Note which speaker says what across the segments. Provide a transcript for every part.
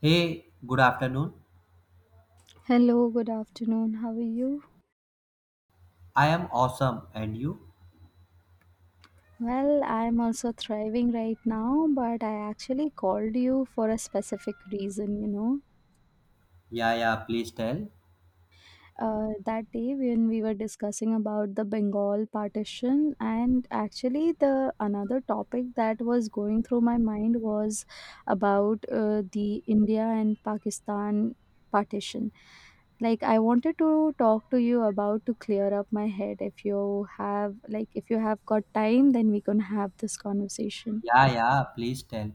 Speaker 1: Hey, good afternoon.
Speaker 2: Hello, good afternoon. How are you?
Speaker 1: I am awesome. And you?
Speaker 2: Well, I'm also thriving right now, but I actually called you for a specific reason.
Speaker 1: Yeah, yeah, please tell.
Speaker 2: That day when we were discussing about the Bengal partition, and actually the another topic that was going through my mind was about the India and Pakistan partition. Like I wanted to talk to you about to clear up my head. If you have got time, then we can have this conversation.
Speaker 1: Yeah, yeah, please tell.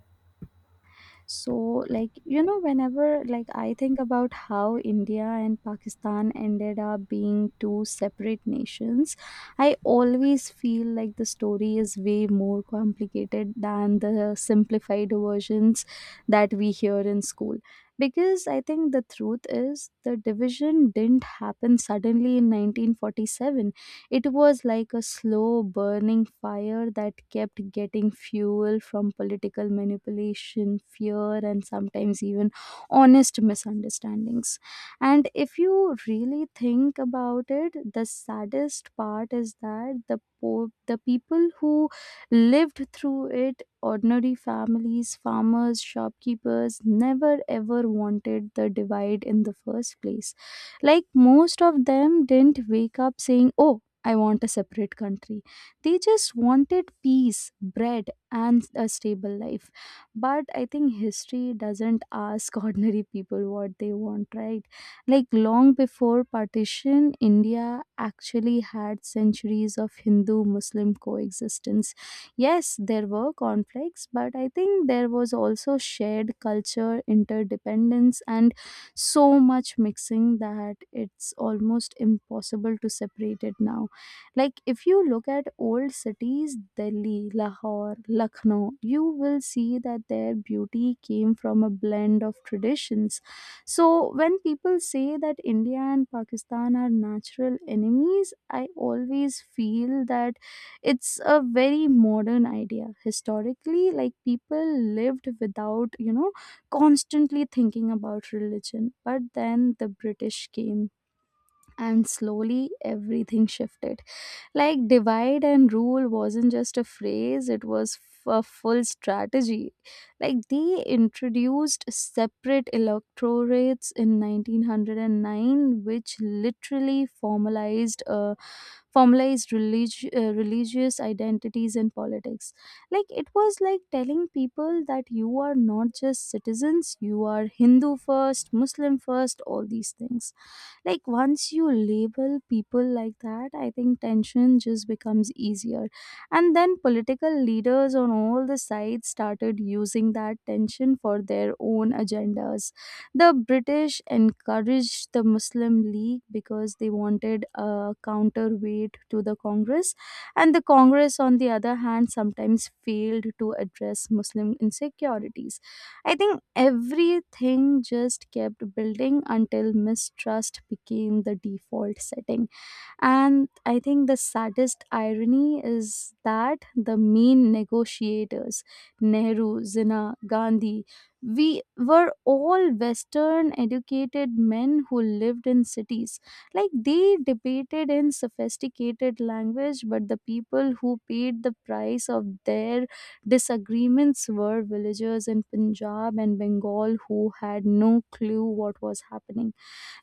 Speaker 2: So like whenever like I think about how India and Pakistan ended up being two separate nations, I always feel like the story is way more complicated than the simplified versions that we hear in school, because I think the truth is the division didn't happen suddenly in 1947. It was like a slow burning fire that kept getting fuel from political manipulation, fear, and sometimes even honest misunderstandings. And if you really think about it, the saddest part is that the people who lived through it, ordinary families, farmers, shopkeepers, never ever wanted the divide in the first place. Like most of them didn't wake up saying, oh, I want a separate country. They just wanted peace, bread, and a stable life. But I think history doesn't ask ordinary people what they want, right? Like long before partition, India actually had centuries of Hindu Muslim coexistence. Yes, there were conflicts, but I think there was also shared culture, interdependence, and so much mixing that it's almost impossible to separate it now. Like if you look at old cities, Delhi, Lahore, Lucknow, you will see that their beauty came from a blend of traditions. So when people say that India and Pakistan are natural enemies, I always feel that it's a very modern idea. Historically, like people lived without, constantly thinking about religion. But then the British came and slowly everything shifted. Like, divide and rule wasn't just a phrase, it was a full strategy. Like, they introduced separate electorates in 1909, which literally formalized religious identities in politics. Like it was like telling people that you are not just citizens, you are Hindu first, Muslim first, all these things. Like once you label people like that, I think tension just becomes easier. And then political leaders on all the sides started using that tension for their own agendas. The British encouraged the Muslim League because they wanted a counterweight to the Congress. And the Congress, on the other hand, sometimes failed to address Muslim insecurities. I think everything just kept building until mistrust became the default setting. And I think the saddest irony is that the main negotiators, Nehru, Jinnah, Gandhi, we were all Western educated men who lived in cities. Like they debated in sophisticated language, but the people who paid the price of their disagreements were villagers in Punjab and Bengal who had no clue what was happening.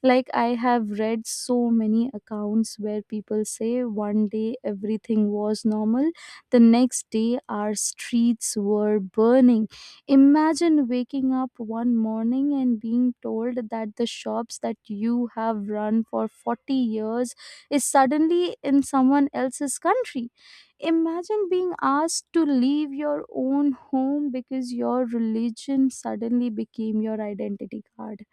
Speaker 2: Like I have read so many accounts where people say one day everything was normal, the next day our streets were burning. Imagine waking up one morning and being told that the shops that you have run for 40 years is suddenly in someone else's country. Imagine being asked to leave your own home because your religion suddenly became your identity card.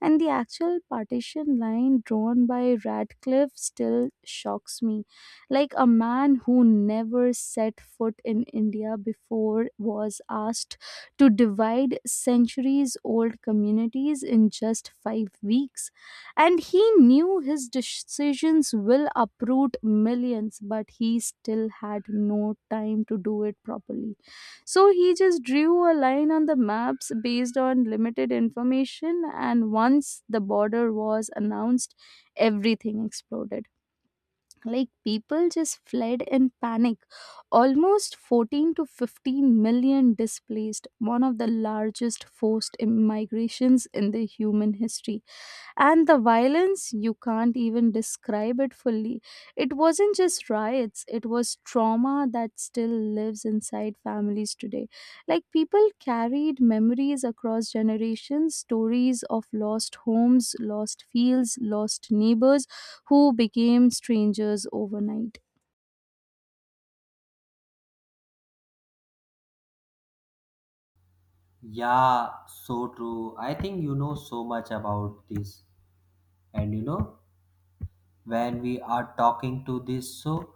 Speaker 2: And the actual partition line drawn by Radcliffe still shocks me. Like a man who never set foot in India before was asked to divide centuries old communities in just 5 weeks. And he knew his decisions will uproot millions, but he still had no time to do it properly. So he just drew a line on the maps based on limited information, and once the border was announced, everything exploded. Like people just fled in panic. Almost 14 to 15 million displaced, one of the largest forced migrations in the human history. And the violence, you can't even describe it fully. It wasn't just riots, it was trauma that still lives inside families today. Like people carried memories across generations, stories of lost homes, lost fields, lost neighbors who became strangers overnight.
Speaker 1: Yeah, so true. I think you know so much about this. And you know, when we are talking to this, so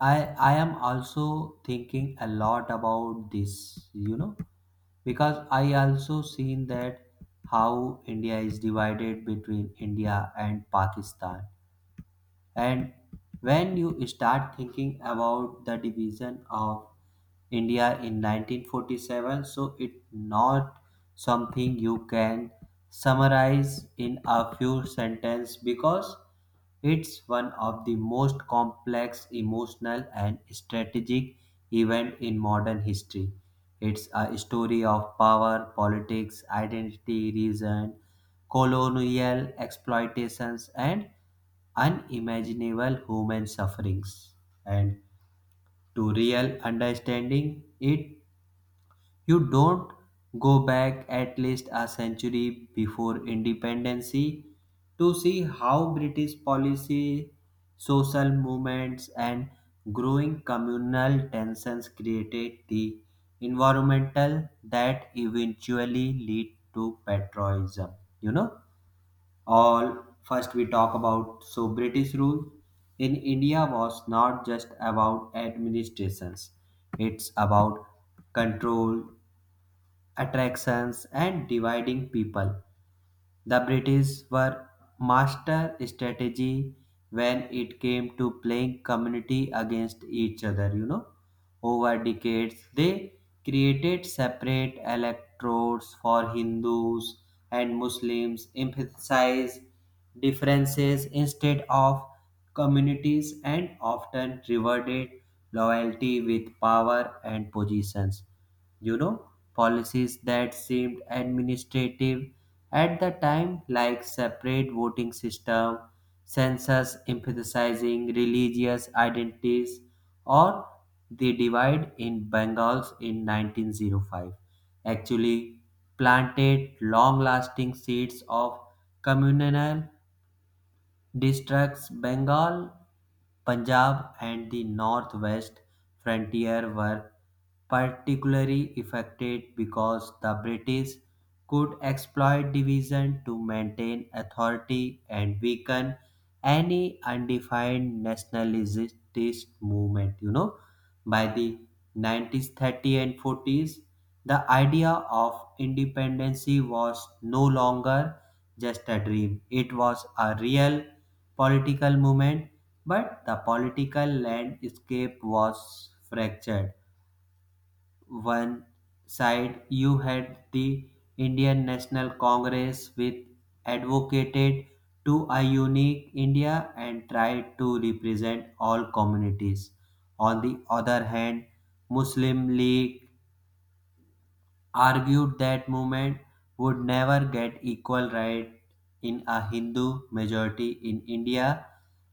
Speaker 1: I am also thinking a lot about this, you know, because I also seen that how India is divided between India and Pakistan. And when you start thinking about the division of India in 1947, so it's not something you can summarize in a few sentences because it's one of the most complex emotional and strategic event in modern history. It's a story of power, politics, identity, reason, colonial exploitations, and unimaginable human sufferings, and to real understanding it, you don't go back at least a century before independence to see how british policy, social movements, and growing communal tensions created the environmental that eventually lead to patriotism. You know, all first we talk about, so british rule in india was not just about administrations, it's about control, attractions, and dividing people. The British were master strategy when it came to playing community against each other, you know. Over decades, they created separate electorates for Hindus and Muslims, emphasized differences instead of communities, and often rewarded loyalty with power and positions. You know, policies that seemed administrative at the time, like separate voting system, census emphasizing religious identities, or the divide in Bengals in 1905 actually planted long lasting seeds of communal. Districts Bengal, Punjab and the northwest frontier were particularly affected because the British could exploit division to maintain authority and weaken any undefined nationalist movement. You know, by the 1930s and 40s the idea of independence was no longer just a dream, it was a real political movement, but the political landscape was fractured. One side, you had the Indian National Congress, which advocated to a unique India and tried to represent all communities. On the other hand, Muslim League argued that movement would never get equal right in a Hindu majority in India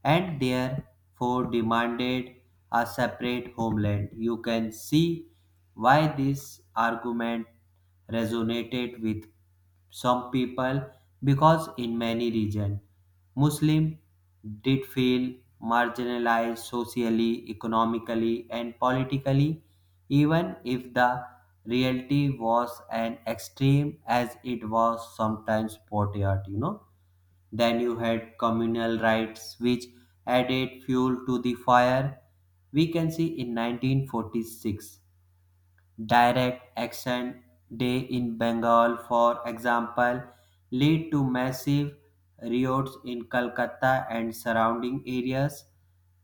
Speaker 1: and therefore demanded a separate homeland. You can see why this argument resonated with some people because in many regions Muslim did feel marginalized socially, economically and politically, even if the reality was an extreme as it was sometimes portrayed. You know, then you had communal rights which added fuel to the fire. We can see in 1946 Direct Action Day in Bengal, for example, led to massive riots in Calcutta and surrounding areas.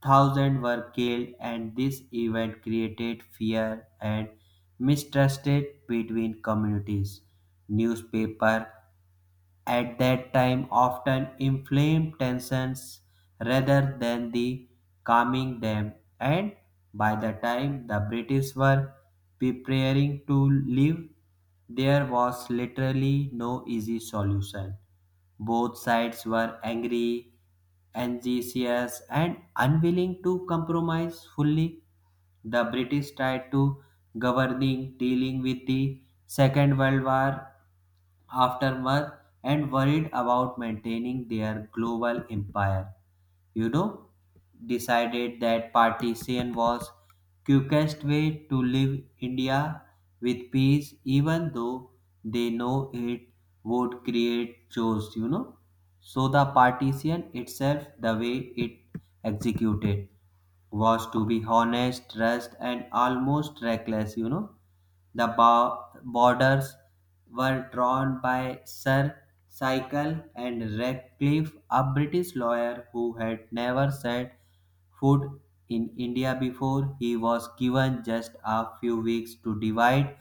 Speaker 1: Thousands were killed, and this event created fear and mistrust between communities. Newspaper at that time often inflamed tensions rather than the calming them. And by the time the british were preparing to leave, there was literally no easy solution. Both sides were angry, anxious, and unwilling to compromise fully. The british tried to governing dealing with the second world war aftermath and worried about maintaining their global empire. You know, decided that partition was quickest way to leave India with peace, even though they know it would create chaos. You know, so the partition itself, the way it executed, was to be honest, rushed, and almost reckless. You know, the borders were drawn by Sir Sycle and Ratcliffe, a British lawyer who had never set foot in India before. He was given just a few weeks to divide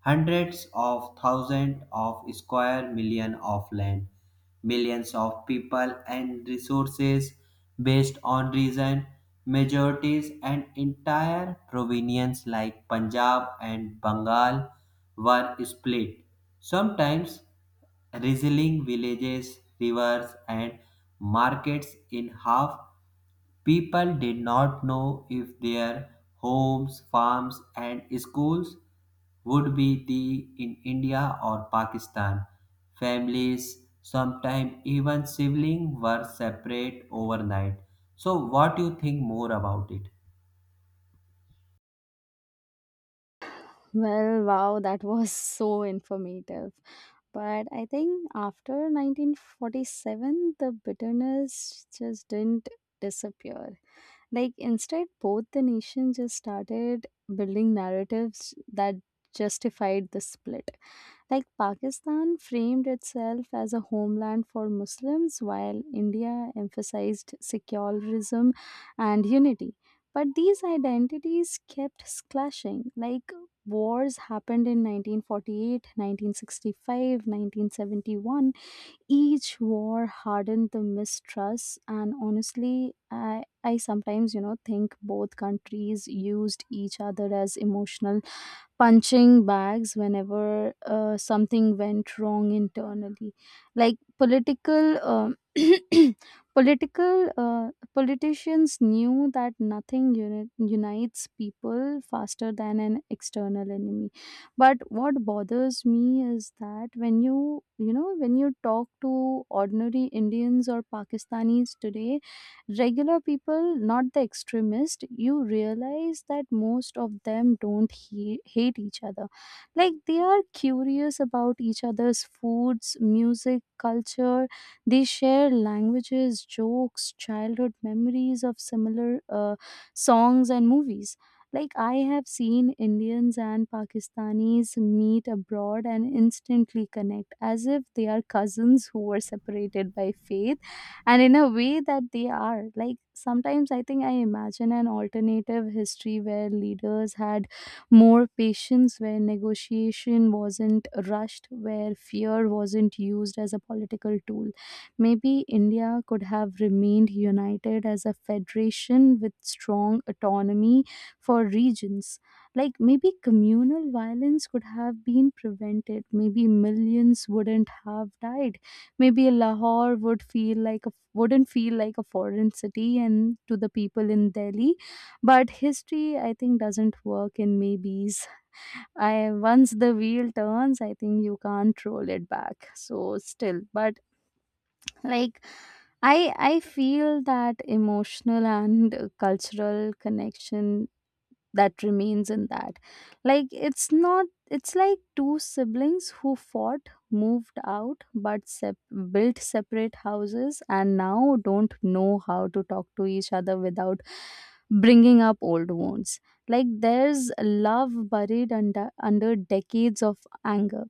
Speaker 1: hundreds of thousands of square million of land, millions of people and resources based on region, majorities, and entire provinces like Punjab and Bengal were split. Sometimes Rizzling villages, rivers, and markets in half. People did not know if their homes, farms, and schools would be the in India or Pakistan. Families, sometimes even siblings, were separate overnight. So, what do you think more about it?
Speaker 2: Well, wow, that was so informative. But I think after 1947, the bitterness just didn't disappear. Like instead, both the nations just started building narratives that justified the split. Like Pakistan framed itself as a homeland for Muslims, while India emphasized secularism and unity. But these identities kept clashing. Like wars happened in 1948, 1965, 1971. Each war hardened the mistrust, and honestly, I sometimes think both countries used each other as emotional punching bags whenever something went wrong internally. Like political political politicians knew that nothing unites people faster than an external enemy. But what bothers me is that when you talk to ordinary Indians or Pakistanis today, regular people, not the extremist, you realize that most of them don't hate each other. Like they are curious about each other's foods, music, culture. They share languages, jokes, childhood memories of similar songs and movies. Like I have seen Indians and Pakistanis meet abroad and instantly connect as if they are cousins who were separated by faith and in a way that they are. Like sometimes I think I imagine an alternative history where leaders had more patience, where negotiation wasn't rushed, where fear wasn't used as a political tool. Maybe India could have remained united as a federation with strong autonomy for regions. Like maybe communal violence could have been prevented. Maybe millions wouldn't have died. Maybe Lahore wouldn't feel like a foreign city and to the people in Delhi. But history, I think, doesn't work in maybes. I Once the wheel turns, I think you can't roll it back. So still, but like. I feel that emotional and cultural connection that remains in that. Like it's not it's like two siblings who fought, moved out, but built separate houses and now don't know how to talk to each other without bringing up old wounds. Like there's love buried under decades of anger.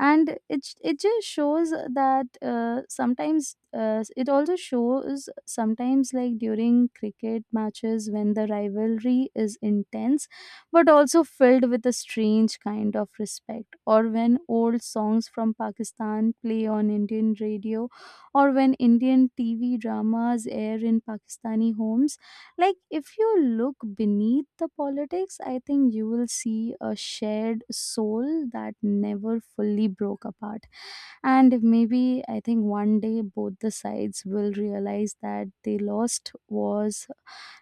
Speaker 2: And it just shows that sometimes it also shows sometimes, like during cricket matches when the rivalry is intense but also filled with a strange kind of respect, or when old songs from Pakistan play on Indian radio, or when Indian TV dramas air in Pakistani homes. Like, if you look beneath the politics, I think you will see a shared soul that never fully broke apart. And maybe I think one day both the sides will realize that they lost was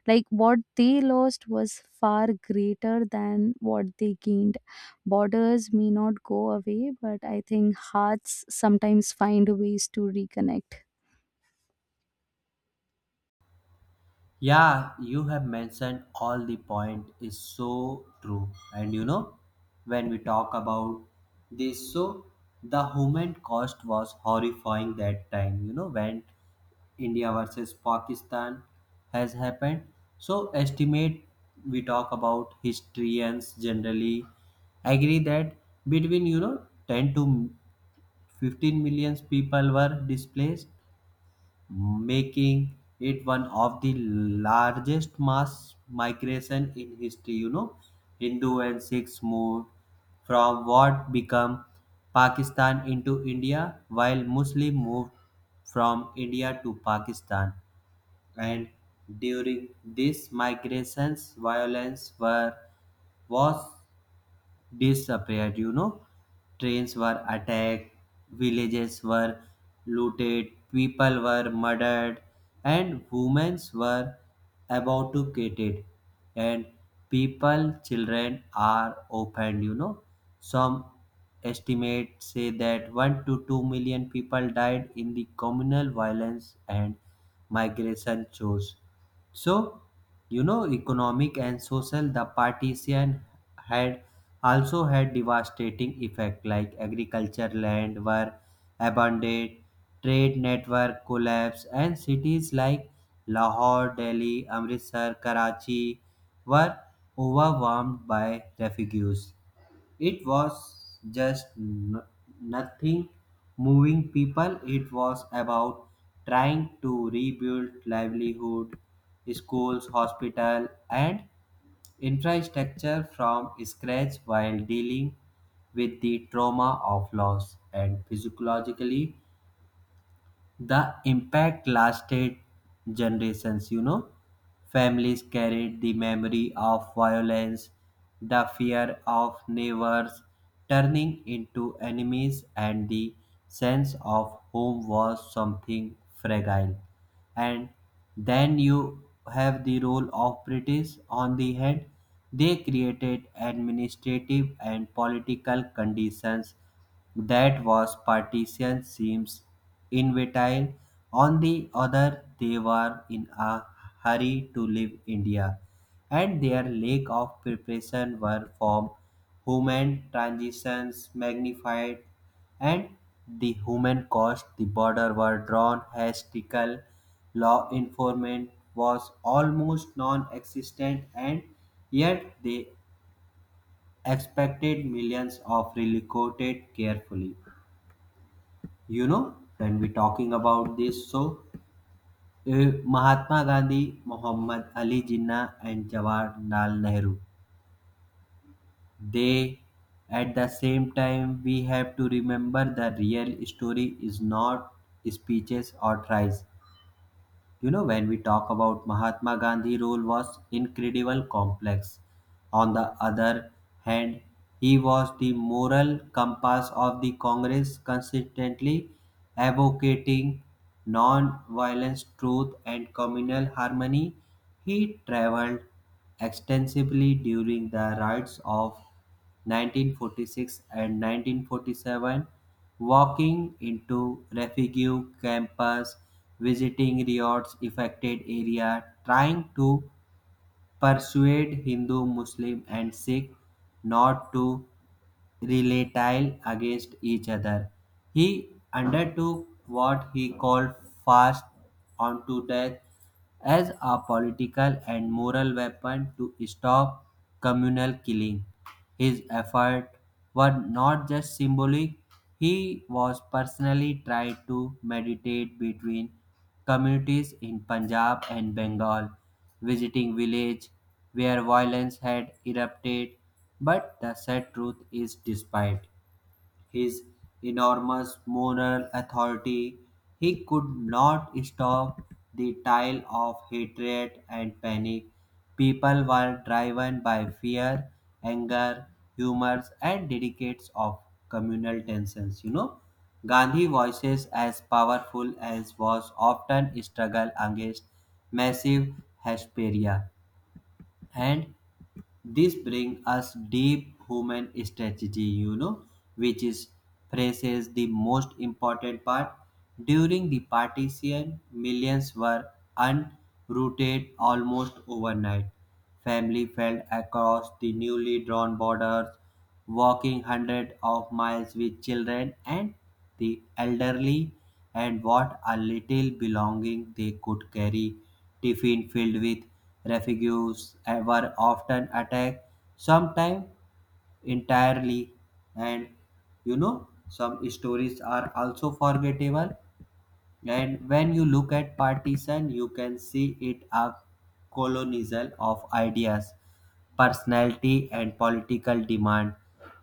Speaker 2: like what they lost was far greater than what they gained. Borders may not go away, but I think hearts sometimes find ways to reconnect.
Speaker 1: Yeah, you have mentioned all the point is so true. And you know, when we talk about this, so the human cost was horrifying that time, you know, when India versus Pakistan has happened. So estimate, we talk about historians generally agree that between you know 10 to 15 millions people were displaced, making it one of the largest mass migration in history. You know, Hindu and Sikhs moved from what became Pakistan into India, while Muslim moved from India to Pakistan. And during these migrations, violence were was disappeared. You know, trains were attacked, villages were looted, people were murdered, and women were abducted, and people children are opened. You know, some estimates say that 1 to 2 million people died in the communal violence and migration shows. So, you know, economic and social, the partition had also had devastating effect, like agriculture land were abandoned, trade network collapsed, and cities like Lahore, Delhi, Amritsar, Karachi were overwhelmed by refugees. It was just nothing moving people. It was about trying to rebuild livelihood, schools, hospital, and infrastructure from scratch while dealing with the trauma of loss, and psychologically the impact lasted generations, you know. Families carried the memory of violence, the fear of neighbors turning into enemies, and the sense of home was something fragile. And then you have the role of British on the head. They created administrative and political conditions that was partition seems inevitable. On the other, they were in a hurry to leave India and their lack of preparation were from human transitions magnified. And the human cost, the border were drawn hysterical, law enforcement was almost non-existent, and yet they expected millions of relocated carefully. You know, when we talking about this, so mahatma gandhi, muhammad ali jinnah, and jawaharlal nehru. They, at the same time, we have to remember the real story is not speeches or tries. You know, when we talk about Mahatma Gandhi role was incredible complex. On the other hand, he was the moral compass of the Congress, consistently advocating non-violence, truth, and communal harmony. He traveled extensively during the riots of 1946 and 1947, walking into refugee camps, visiting riots affected area, trying to persuade Hindu, Muslim and Sikh not to retaliate against each other. He undertook what he called fast unto death as a political and moral weapon to stop communal killing. His efforts were not just symbolic, he was personally tried to mediate between communities in Punjab and Bengal, visiting villages where violence had erupted. But the sad truth is, despite his enormous moral authority, he could not stop the tide of hatred and panic. People were driven by fear, anger, humors, and decades of communal tensions. You know, Gandhi voices as powerful as was often struggle against massive hysteria. And this brings us deep human strategy, you know, which is phrases the most important part. During the partition, millions were unrooted almost overnight, family fell across the newly drawn borders, walking hundreds of miles with children and the elderly and what a little belonging they could carry. Tiffin filled with refuse were often attacked, sometimes entirely, and you know some stories are also forgettable. And when you look at partition, you can see it a colonial of ideas, personality, and political demand.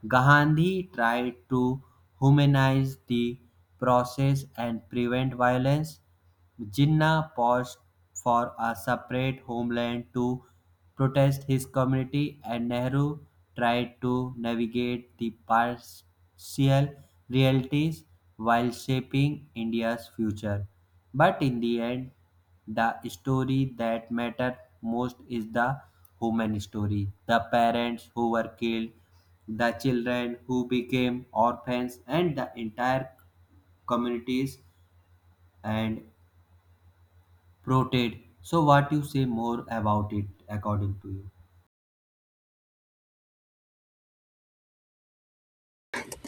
Speaker 1: Gandhi tried to humanize the process and prevent violence, Jinnah pushed for a separate homeland to protest his community, and Nehru tried to navigate the partial realities while shaping India's future. But in the end, the story that matters most is the human story. The parents who were killed, the children who became orphans, and the entire communities and Proteid. So what you say more about it according to you?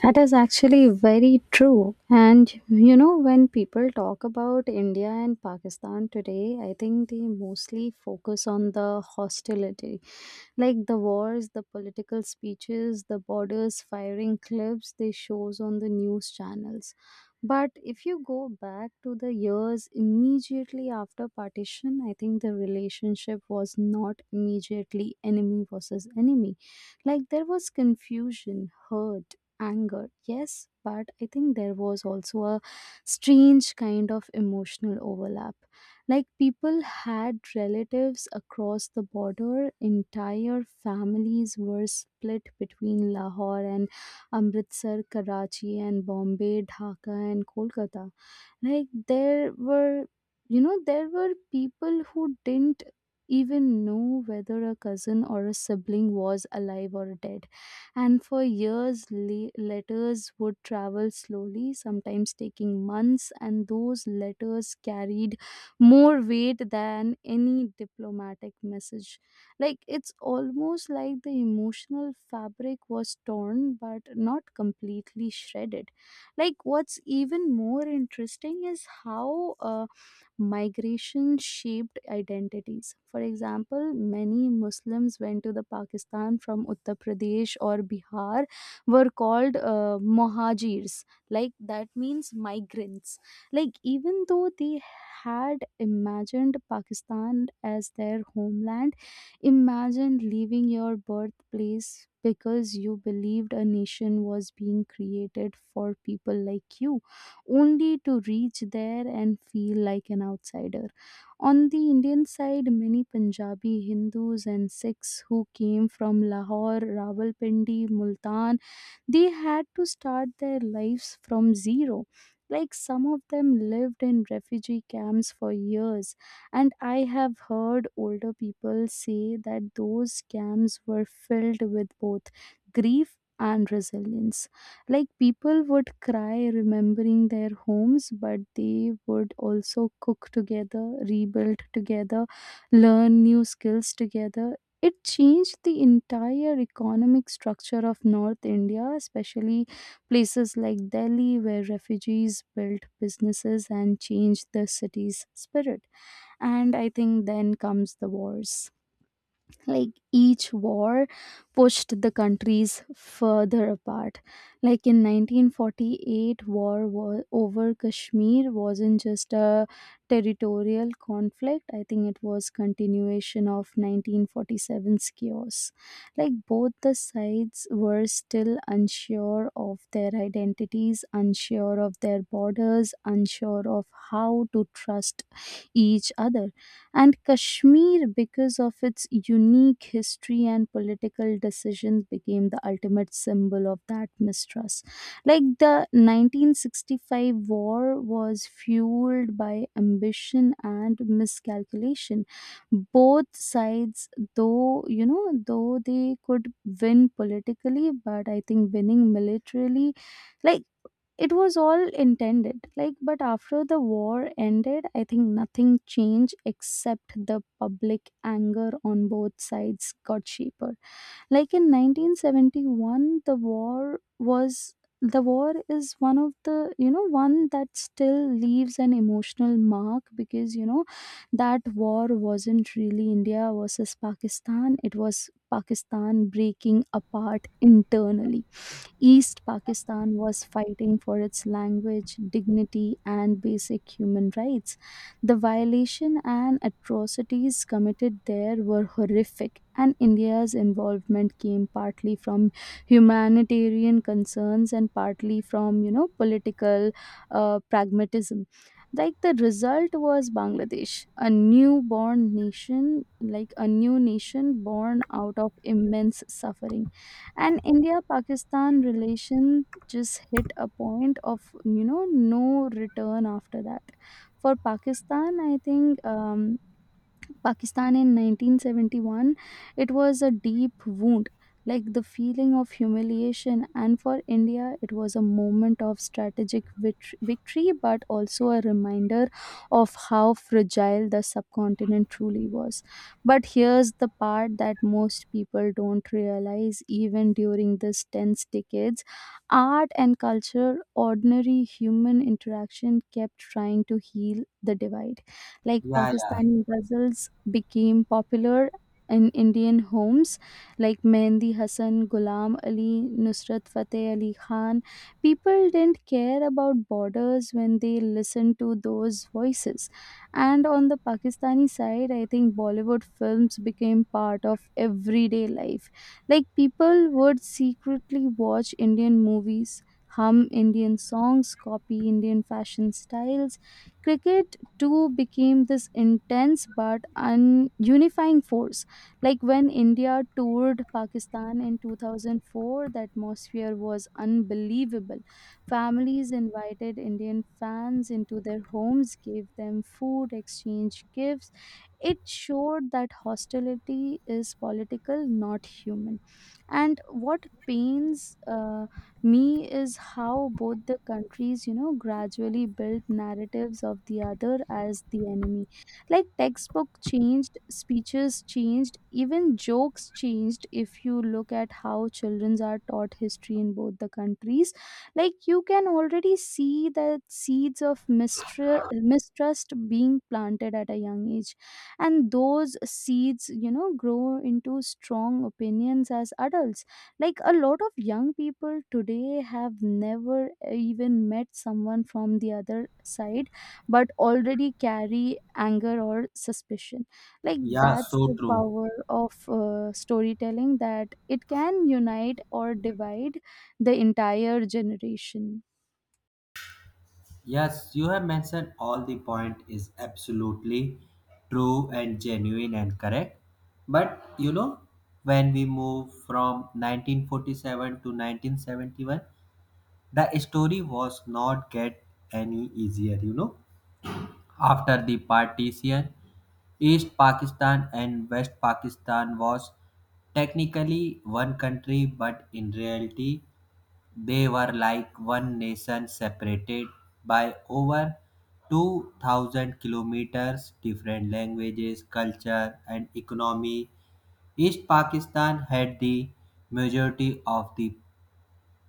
Speaker 2: That is actually very true. And when people talk about India and Pakistan today, I think they mostly focus on the hostility, like the wars, the political speeches, the borders firing clips they shows on the news channels. But if you go back to the years immediately after partition, I think the relationship was not immediately enemy versus enemy. Like there was confusion, hurt, anger, yes, but I think there was also a strange kind of emotional overlap. Like people had relatives across the border, entire families were split between Lahore and Amritsar, Karachi and Bombay, Dhaka and Kolkata. Like there were people who didn't even know whether a cousin or a sibling was alive or dead. And for years, letters would travel slowly, sometimes taking months, and those letters carried more weight than any diplomatic message. Like it's almost like the emotional fabric was torn but not completely shredded. Like what's even more interesting is how migration shaped identities. For example, many Muslims went to the Pakistan from Uttar Pradesh or Bihar, were called mohajirs. Like that means migrants. Like even though they had imagined Pakistan as their homeland, imagine leaving your birthplace because you believed a nation was being created for people like you only to reach there and feel like an outsider. On the Indian side, many Punjabi, Hindus, and Sikhs who came from Lahore, Rawalpindi, Multan, they had to start their lives from zero. Like some of them lived in refugee camps for years, and I have heard older people say that those camps were filled with both grief and resilience. Like people would cry remembering their homes, but they would also cook together, rebuild together, learn new skills together. It changed the entire economic structure of North India, especially places like Delhi, where refugees built businesses and changed the city's spirit. And I think then comes the wars. Like each war pushed the countries further apart. Like in 1948, war over Kashmir wasn't just a territorial conflict. I think it was continuation of 1947's chaos. Like both the sides were still unsure of their identities, unsure of their borders, unsure of how to trust each other. And Kashmir, because of its unique history and political decisions, became the ultimate symbol of that mistrust. Like the 1965 war was fueled by ambition and miscalculation. Both sides, though they could win politically, but I think winning militarily, like it was all intended. Like but after the war ended, I think nothing changed except the public anger on both sides got cheaper. Like in 1971, the war is one of the one that still leaves an emotional mark because that war wasn't really India versus Pakistan. It was Pakistan breaking apart internally. East Pakistan was fighting for its language, dignity, and basic human rights. The violation and atrocities committed there were horrific, and India's involvement came partly from humanitarian concerns and partly from, political pragmatism. Like the result was Bangladesh, a newborn nation, like a new nation born out of immense suffering. And India Pakistan relation just hit a point of, no return after that. For pakistan i think um, Pakistan in 1971, it was a deep wound, like the feeling of humiliation. And for India, it was a moment of strategic victory, but also a reminder of how fragile the subcontinent truly was. But here's the part that most people don't realize, even during these tense decades art and culture, ordinary human interaction kept trying to heal the divide. Like
Speaker 1: Yeah, yeah.
Speaker 2: Pakistani ghazals became popular in Indian homes, like Mehndi Hassan, Ghulam Ali, Nusrat Fateh Ali Khan. People didn't care about borders when they listened to those voices. And on the Pakistani side, I think Bollywood films became part of everyday life. Like people would secretly watch Indian movies, hum Indian songs, copy Indian fashion styles. Cricket two became this intense but unifying force. Like when India toured Pakistan in 2004, the atmosphere was unbelievable. Families invited Indian fans into their homes, gave them food, exchanged gifts. It showed that hostility is political, not human. And what pains me is how both the countries gradually built narratives of the other as the enemy. Like textbook changed, speeches changed, even jokes changed if you look at how children are taught history in both the countries. Like you can already see that seeds of mistrust being planted at a young age, and those seeds grow into strong opinions as adults. Like a lot of young people today have never even met someone from the other side but already carry anger or suspicion. Like
Speaker 1: Yeah,
Speaker 2: that's
Speaker 1: so
Speaker 2: the
Speaker 1: true.
Speaker 2: power of storytelling that it can unite or divide the entire generation.
Speaker 1: Yes, you have mentioned all the point is absolutely true and genuine and correct. But you know, when we move from 1947 to 1971, the story was not get any easier, you know. After the partition, East Pakistan and West Pakistan was technically one country, but in reality they were like one nation separated by over 2000 kilometers different languages culture and economy. East Pakistan had the majority of the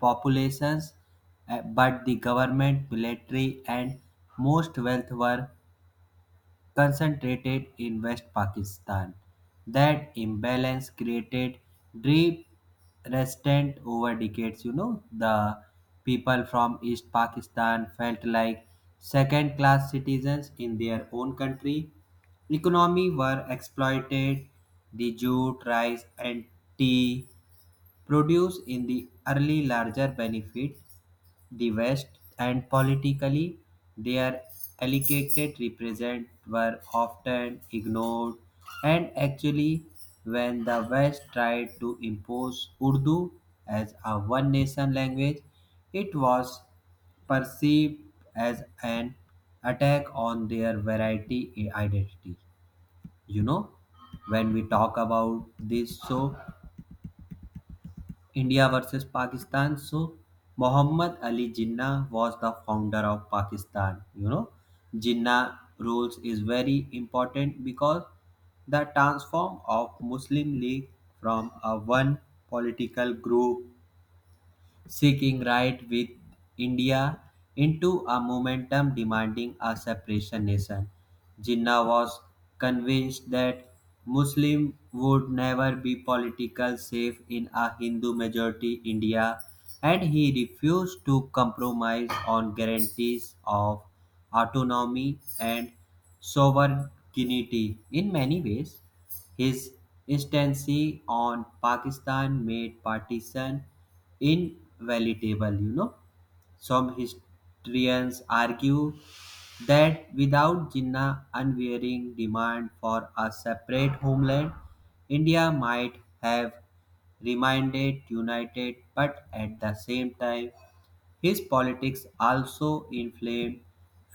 Speaker 1: populations, but the government, military, and most wealth were concentrated in West Pakistan. That imbalance created deep resentment over decades. You know, the people from East Pakistan felt like second class citizens in their own country. Economy were exploited, the jute, rice, and tea produced in the early larger benefit the West, and politically, their allocated represent were often ignored. And actually, when the West tried to impose Urdu as a one nation language, it was perceived as an attack on their variety identity. You know, when we talk about this, so India versus Pakistan. So Muhammad Ali Jinnah was the founder of Pakistan. You know, Jinnah rules is very important because the transform of Muslim League from a one political group seeking right with India into a momentum demanding a separation nation. Jinnah was convinced that Muslim would never be politically safe in a Hindu majority India and he refused to compromise on guarantees of autonomy and sovereignty in many ways. His instancy on Pakistan made partition inevitable, you know. Some historians argue that without Jinnah's unwavering demand for a separate homeland, India might have remained united, but at the same time, his politics also inflamed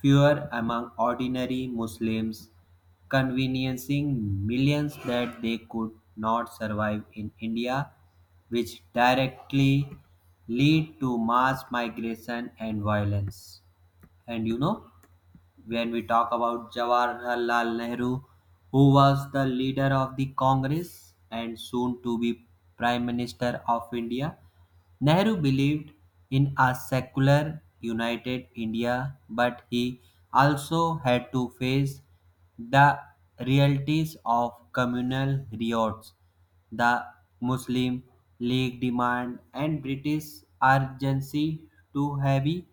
Speaker 1: fear among ordinary Muslims, conveniencing millions that they could not survive in India, which directly lead to mass migration and violence. And you know, when we talk about Jawaharlal Nehru, who was the leader of the Congress and soon to be Prime Minister of India, Nehru believed in a secular, united India, but he also had to face the realities of communal riots, the Muslim League demand and British urgency too heavy.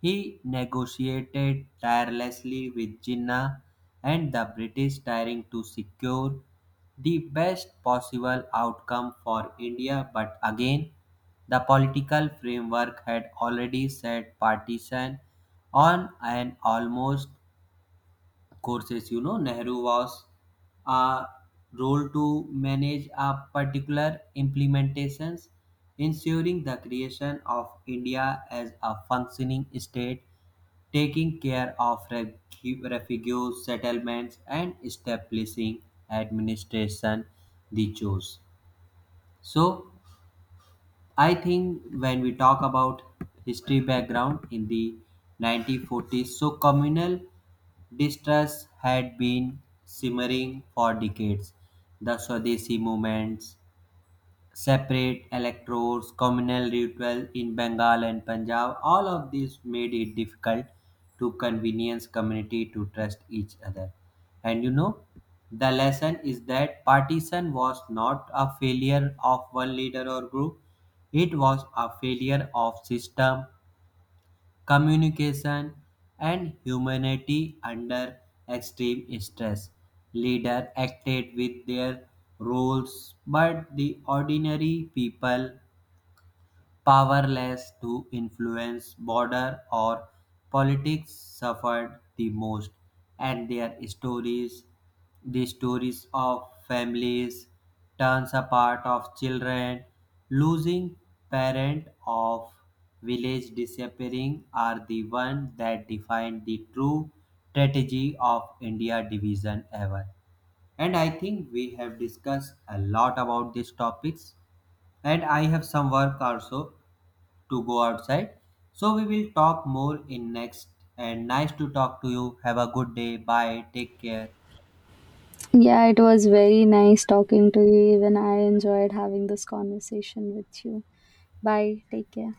Speaker 1: He negotiated tirelessly with Jinnah and the British trying to secure the best possible outcome for India, but again, the political framework had already set partition on an almost courses. You know, nehru was a role to manage a particular implementations, ensuring the creation of india as a functioning state, taking care of refugees settlements, and establishing administration the chose. So I think when we talk about history background in the 1940s, so communal distrust had been simmering for decades. The Swadeshi movements, separate electors, communal ritual in Bengal and Punjab, all of these made it difficult to convenience community to trust each other. And you know, the lesson is that partition was not a failure of one leader or group, it was a failure of system, communication, and humanity under extreme stress. Leaders acted with their roles, but the ordinary people powerless to influence border or politics suffered the most, and their stories, the stories of families, turns apart of children, losing parent of village disappearing are the one that define the true strategy of India division ever. And I think we have discussed a lot about these topics and I have some work also to go outside. So we will talk more in next and nice to talk to you. Have a good day. Bye. Take care.
Speaker 2: Yeah, it was very nice talking to you, even I enjoyed having this conversation with you. Bye, take care.